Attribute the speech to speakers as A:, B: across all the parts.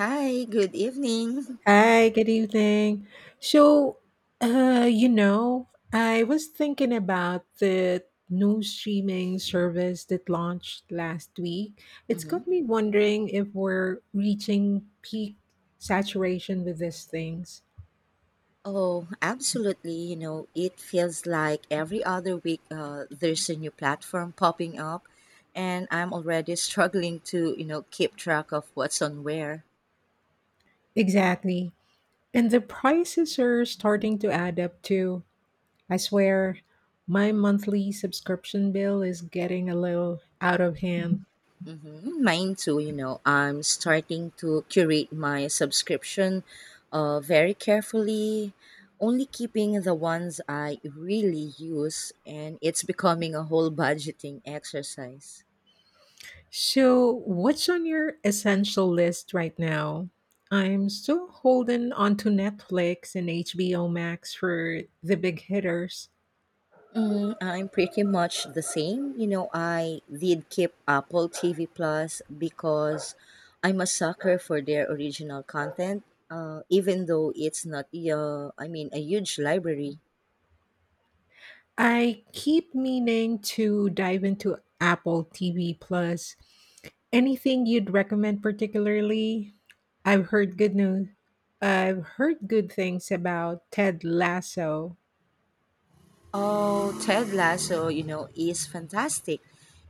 A: Hi, good evening.
B: Hi, good evening. So I was thinking about the new streaming service that launched last week. It's
A: Mhm.
B: got me wondering if we're reaching peak saturation with these things.
A: Oh, absolutely. You know, it feels like every other week there's a new platform popping up, and I'm already struggling to, you know, keep track of what's on where.
B: Exactly. And the prices are starting to add up too. I swear, my monthly subscription bill is getting a little out of hand.
A: Hmm. Mine too, you know, I'm starting to curate my subscription very carefully, only keeping the ones I really use, and it's becoming a whole budgeting exercise.
B: So, what's on your essential list right now? I'm still holding onto Netflix and HBO Max for the big hitters.
A: Mm, I'm pretty much the same. You know, I did keep Apple TV Plus because I'm a sucker for their original content, even though it's not, a huge library.
B: I keep meaning to dive into Apple TV Plus. Anything you'd recommend particularly? I've heard good news. I've heard good things about Ted Lasso.
A: Oh, Ted Lasso, you know, is fantastic.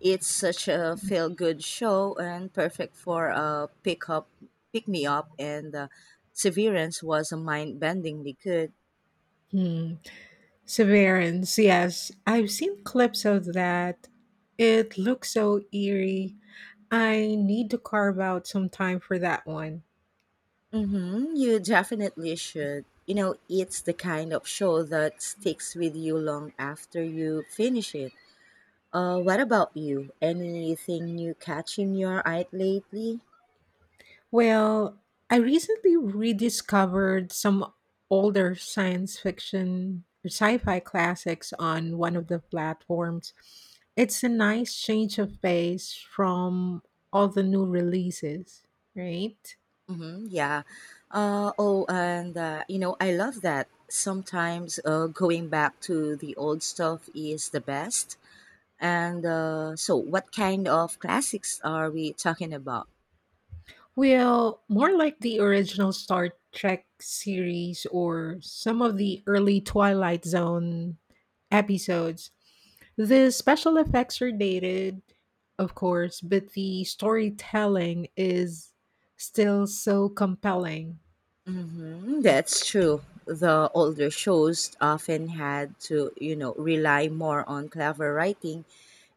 A: It's such a feel-good show and perfect for a pick me up, and Severance was a mind-bendingly good.
B: Hmm. Severance, yes. I've seen clips of that. It looks so eerie. I need to carve out some time for that one.
A: Mm-hmm. You definitely should. You know, it's the kind of show that sticks with you long after you finish it. What about you? Anything new catching your eye lately?
B: Well, I recently rediscovered some older science fiction or sci fi classics on one of the platforms. It's a nice change of pace from all the new releases, right?
A: Mm-hmm. Yeah. Oh, and you know, I love that. Sometimes going back to the old stuff is the best. And so, what kind of classics are we talking about?
B: Well, more like the original Star Trek series or some of the early Twilight Zone episodes. The special effects are dated, of course, but the storytelling is still so compelling.
A: Hmm. That's true. The older shows often had to, you know, rely more on clever writing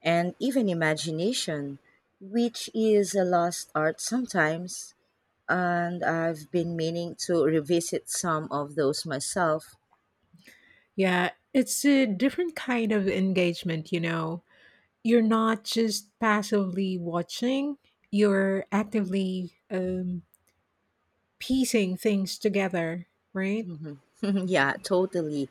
A: and even imagination, which is a lost art sometimes. And I've been meaning to revisit some of those myself.
B: Yeah, it's a different kind of engagement, you know. You're not just passively watching, you're actively piecing things together, right?
A: Yeah, totally.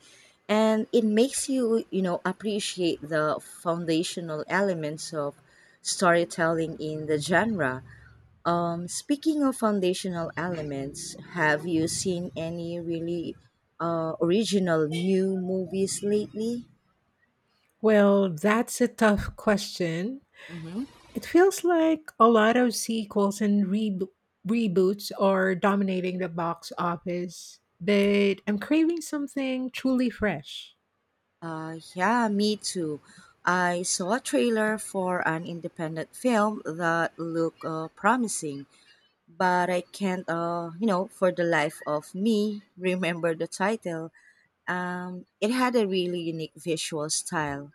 A: And it makes you, you know, appreciate the foundational elements of storytelling in the genre. Speaking of foundational elements, have you seen any really original new movies lately?
B: Well, that's a tough question.
A: Hmm.
B: It feels like a lot of sequels and reboots are dominating the box office, but I'm craving something truly fresh.
A: Yeah, me too. I saw a trailer for an independent film that looked promising, but I can't, you know, for the life of me, remember the title. It had a really unique visual style.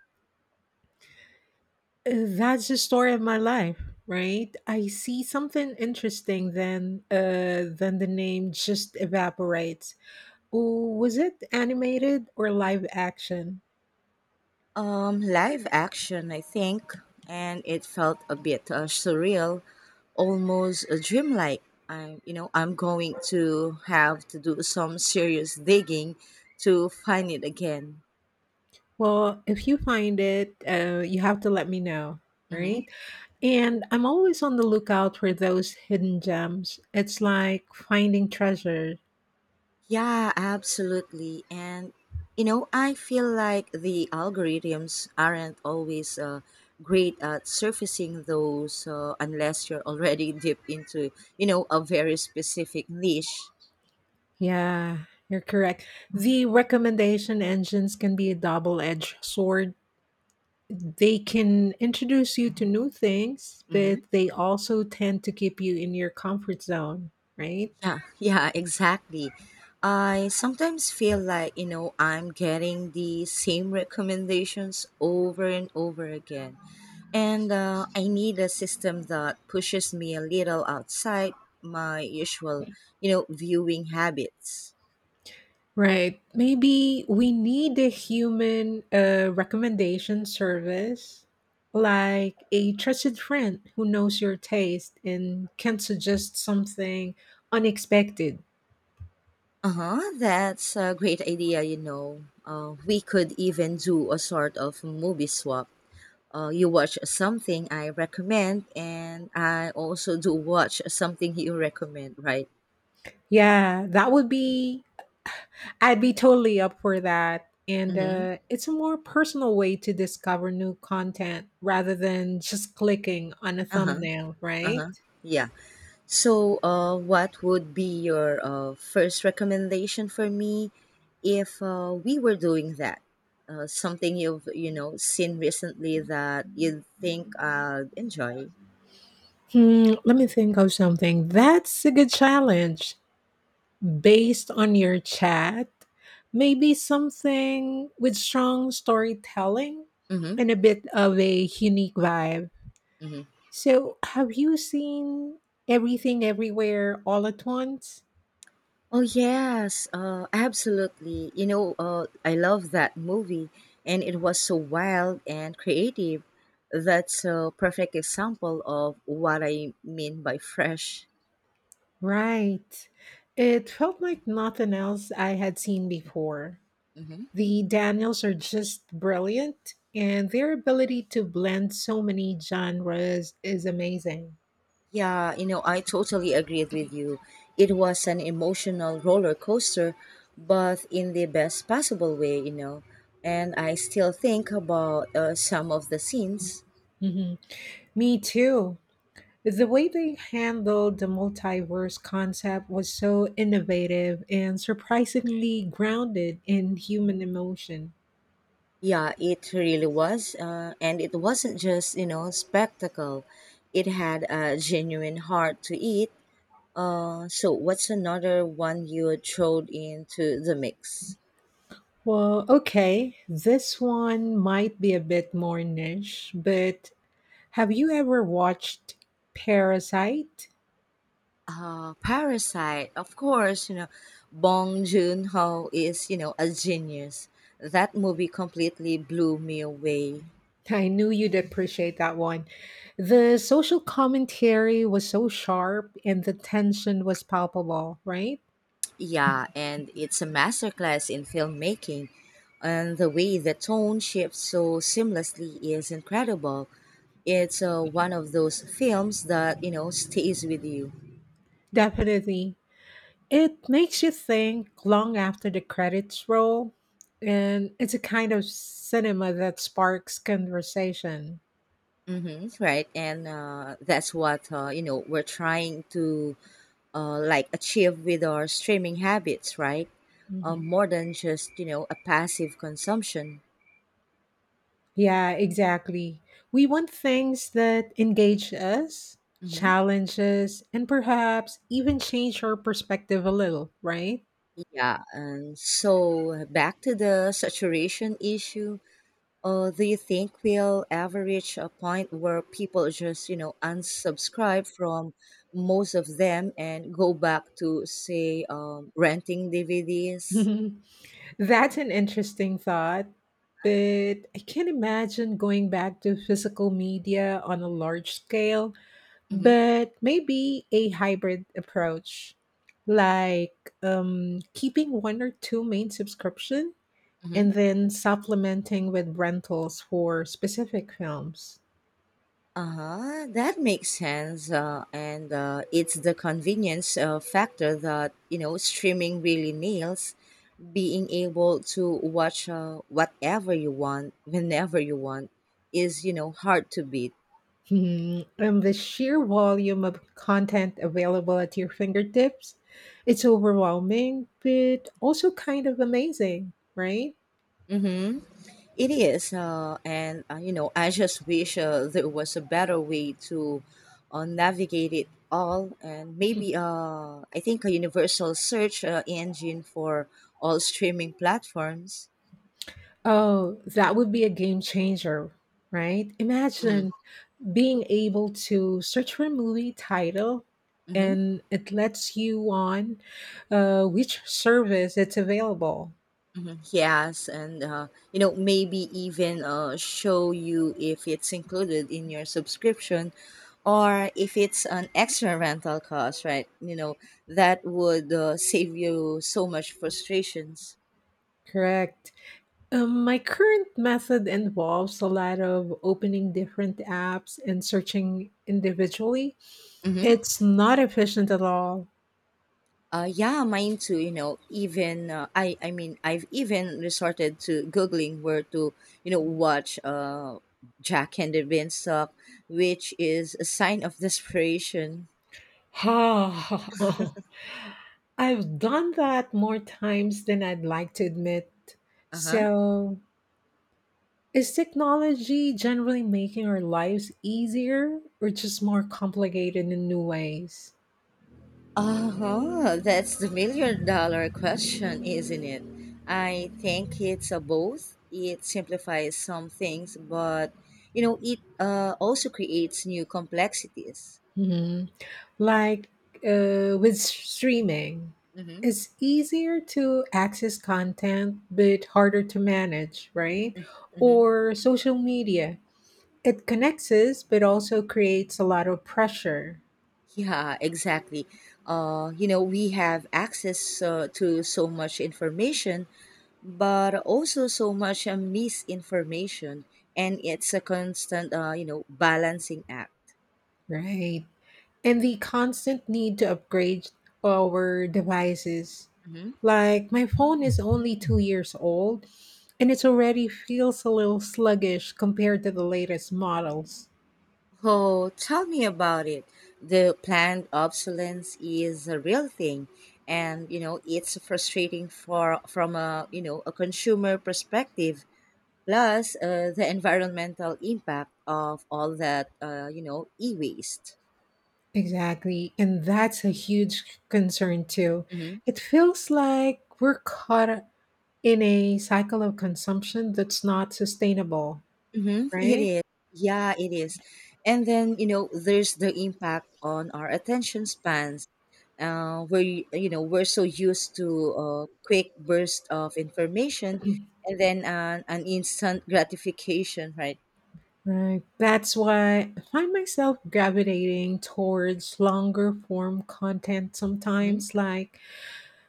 B: That's the story of my life, right? I see something interesting, then the name just evaporates. Oh, was it animated or live action?
A: Live action, I think, and it felt a bit surreal, almost dreamlike. I'm going to have to do some serious digging to find it again.
B: Well, if you find it, you have to let me know,
A: Mm-hmm.
B: right? And I'm always on the lookout for those hidden gems. It's like finding treasure.
A: Yeah, absolutely. And you know, I feel like the algorithms aren't always great at surfacing those unless you're already deep into, you know, a very specific niche.
B: Yeah, you're correct. The recommendation engines can be a double edged sword. They can introduce you to new things,
A: Hmm.
B: but they also tend to keep you in your comfort zone, right?
A: Yeah, yeah, exactly. I sometimes feel like, you know, I'm getting the same recommendations over and over again. And I need a system that pushes me a little outside my usual, you know, viewing habits.
B: Right. Maybe we need a human recommendation service, like a trusted friend who knows your taste and can suggest something unexpected.
A: Uh huh. That's a great idea. We could even do a sort of movie swap. You watch something I recommend, and I also do watch something you recommend, right?
B: Yeah, that would be, I'd be totally up for that. And
A: Mm-hmm.
B: it's a more personal way to discover new content rather than just clicking on a
A: Uh huh.
B: thumbnail,
A: Uh
B: right?
A: huh. Yeah. So, what would be your first recommendation for me if we were doing that? Something you've seen recently that you think I'd enjoy.
B: Hmm, let me think of something. That's a good challenge. Based on your chat, maybe something with strong storytelling
A: Mm-hmm.
B: and a bit of a unique vibe.
A: Mm-hmm.
B: So, have you seen everything everywhere all at once?
A: Oh yes, absolutely. You know, I love that movie, and it was so wild and creative. That's a perfect example of what I mean by fresh.
B: Right. It felt like nothing else I had seen before.
A: Mhm.
B: The Daniels are just brilliant, and their ability to blend so many genres is amazing.
A: Yeah, you know, I totally agreed with you. It was an emotional roller coaster, but in the best possible way, you know. And I still think about some of the scenes.
B: Mhm. Me too. The way they handled the multiverse concept was so innovative and surprisingly grounded in human
A: Mhm.
B: emotion.
A: Yeah, it really was. And it wasn't just, you know, spectacle, it had a genuine heart to it. So what's another one you would throw into the mix?
B: Well, okay, this one might be a bit more niche, but have you ever watched Parasite?
A: Parasite, of course. You know, Bong Joon Ho is you know a genius. That movie completely blew me away.
B: I knew you'd appreciate that one. The social commentary was so sharp and the tension was palpable, right?
A: Yeah, and it's a masterclass in filmmaking, and the way the tone shifts so seamlessly is incredible. It's one of those films that you know stays with you.
B: Definitely. It makes you think long after the credits roll, and it's a kind of cinema that sparks conversation.
A: Hmm. Right, and that's what you know we're trying to like achieve with our streaming habits, right?
B: Mhm.
A: More than just you know a passive consumption.
B: Yeah, exactly. We want things that engage us,
A: Hmm.
B: challenge us, and perhaps even change our perspective a little, right?
A: Yeah, and so back to the saturation issue. Do you think we'll ever reach a point where people just you know unsubscribe from most of them and go back to, say, renting DVDs?
B: That's an interesting thought, but I can't imagine going back to physical media on a large scale,
A: Hmm.
B: but maybe a hybrid approach, like keeping one or two main subscription
A: Hmm.
B: and then supplementing with rentals for specific films.
A: Uh-huh, that makes sense. And It's the convenience factor that, you know, streaming really nails. Being able to watch whatever you want, whenever you want, is, you know, hard to beat.
B: Hmm, and the sheer volume of content available at your fingertips, it's overwhelming but also kind of amazing, right?
A: Mm-hmm. It is. You know, I just wish there was a better way to navigate it all. And maybe, I think, a universal search engine for all streaming platforms.
B: Oh, that would be a game changer. Right,
A: Mhm.
B: imagine being able to search for a movie title
A: Mm-hmm.
B: and it lets you on which service it's available.
A: Hmm. Yes, and you know maybe even show you if it's included in your subscription or if it's an extra rental cost, right? You know that would save you so much frustrations.
B: Correct. My current method involves a lot of opening different apps and searching individually,
A: Mm-hmm.
B: it's not efficient at all.
A: Yeah, mine too. You know, even I've even resorted to googling where to, you know, watch Jack and the Beanstalk, which is a sign of desperation.
B: I've done that more times than I'd like to admit.
A: Uh huh.
B: So, is technology generally making our lives easier or just more complicated in new ways?
A: Uh-huh. That's the million-dollar question, isn't it? I think it's a both. It simplifies some things, but you know, it also creates new complexities.
B: Mhm. Like with streaming,
A: Hmm.
B: it's easier to access content but harder to manage, right?
A: Hmm.
B: Or social media, it connects us but also creates a lot of pressure.
A: Yeah, exactly. You know, we have access to so much information, but also so much misinformation, and it's a constant, you know, balancing act.
B: Right. And the constant need to upgrade our devices. Like my phone is only 2 years old and it already feels a little sluggish compared to the latest models.
A: Oh, tell me about it. The planned obsolescence is a real thing, and you know it's frustrating for from a you know a consumer perspective. Plus, the environmental impact of all that you know e-waste.
B: Exactly. And that's a huge concern too.
A: Mm-hmm.
B: It feels like we're caught in a cycle of consumption that's not sustainable,
A: Mm-hmm. It
B: right?
A: is. Yeah, it is. And then you know there's the impact on our attention spans where you know we're so used to a quick burst of information and then an instant gratification, right?
B: Right. That's why I find myself gravitating towards longer form content
A: Hmm.
B: sometimes, like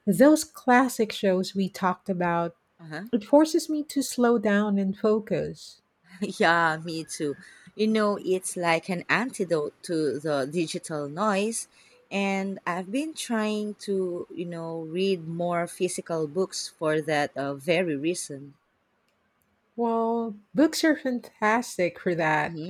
B: those classic shows we talked about.
A: Uh-huh.
B: It forces me to slow down and focus.
A: Yeah, me too. You know, it's like an antidote to the digital noise, and I've been trying to you know read more physical books for that very reason.
B: Well, books are fantastic for that.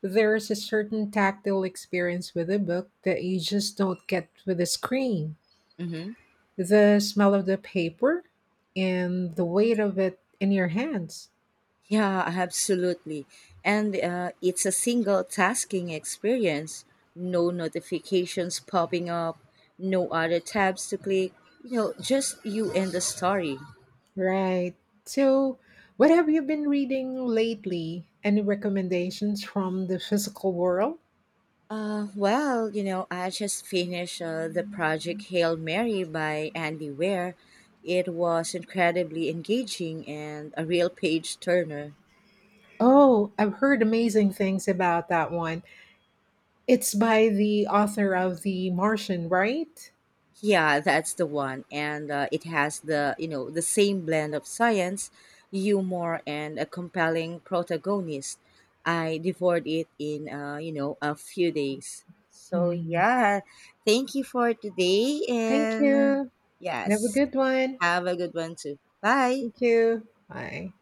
B: There's a certain tactile experience with a book that you just don't get with a screen.
A: Mm-hmm.
B: The smell of the paper and the weight of it in your hands.
A: Yeah, absolutely. And it's a single tasking experience. No notifications popping up, no other tabs to click. You know, just you and the story.
B: Right. So, what have you been reading lately? Any recommendations from the physical world?
A: Well, you know, I just finished the project Hail Mary by Andy Ware. It was incredibly engaging and a real page turner.
B: Oh, I've heard amazing things about that one. It's by the author of The Martian, right?
A: Yeah, that's the one, and it has the you know the same blend of science, humor, and a compelling protagonist. I devoured it in you know a few days. So
B: Hmm.
A: yeah, thank you for today,
B: Thank
A: and
B: you. Have a
A: yes,
B: good one.
A: have a good one too. Bye.
B: Thank you. Bye.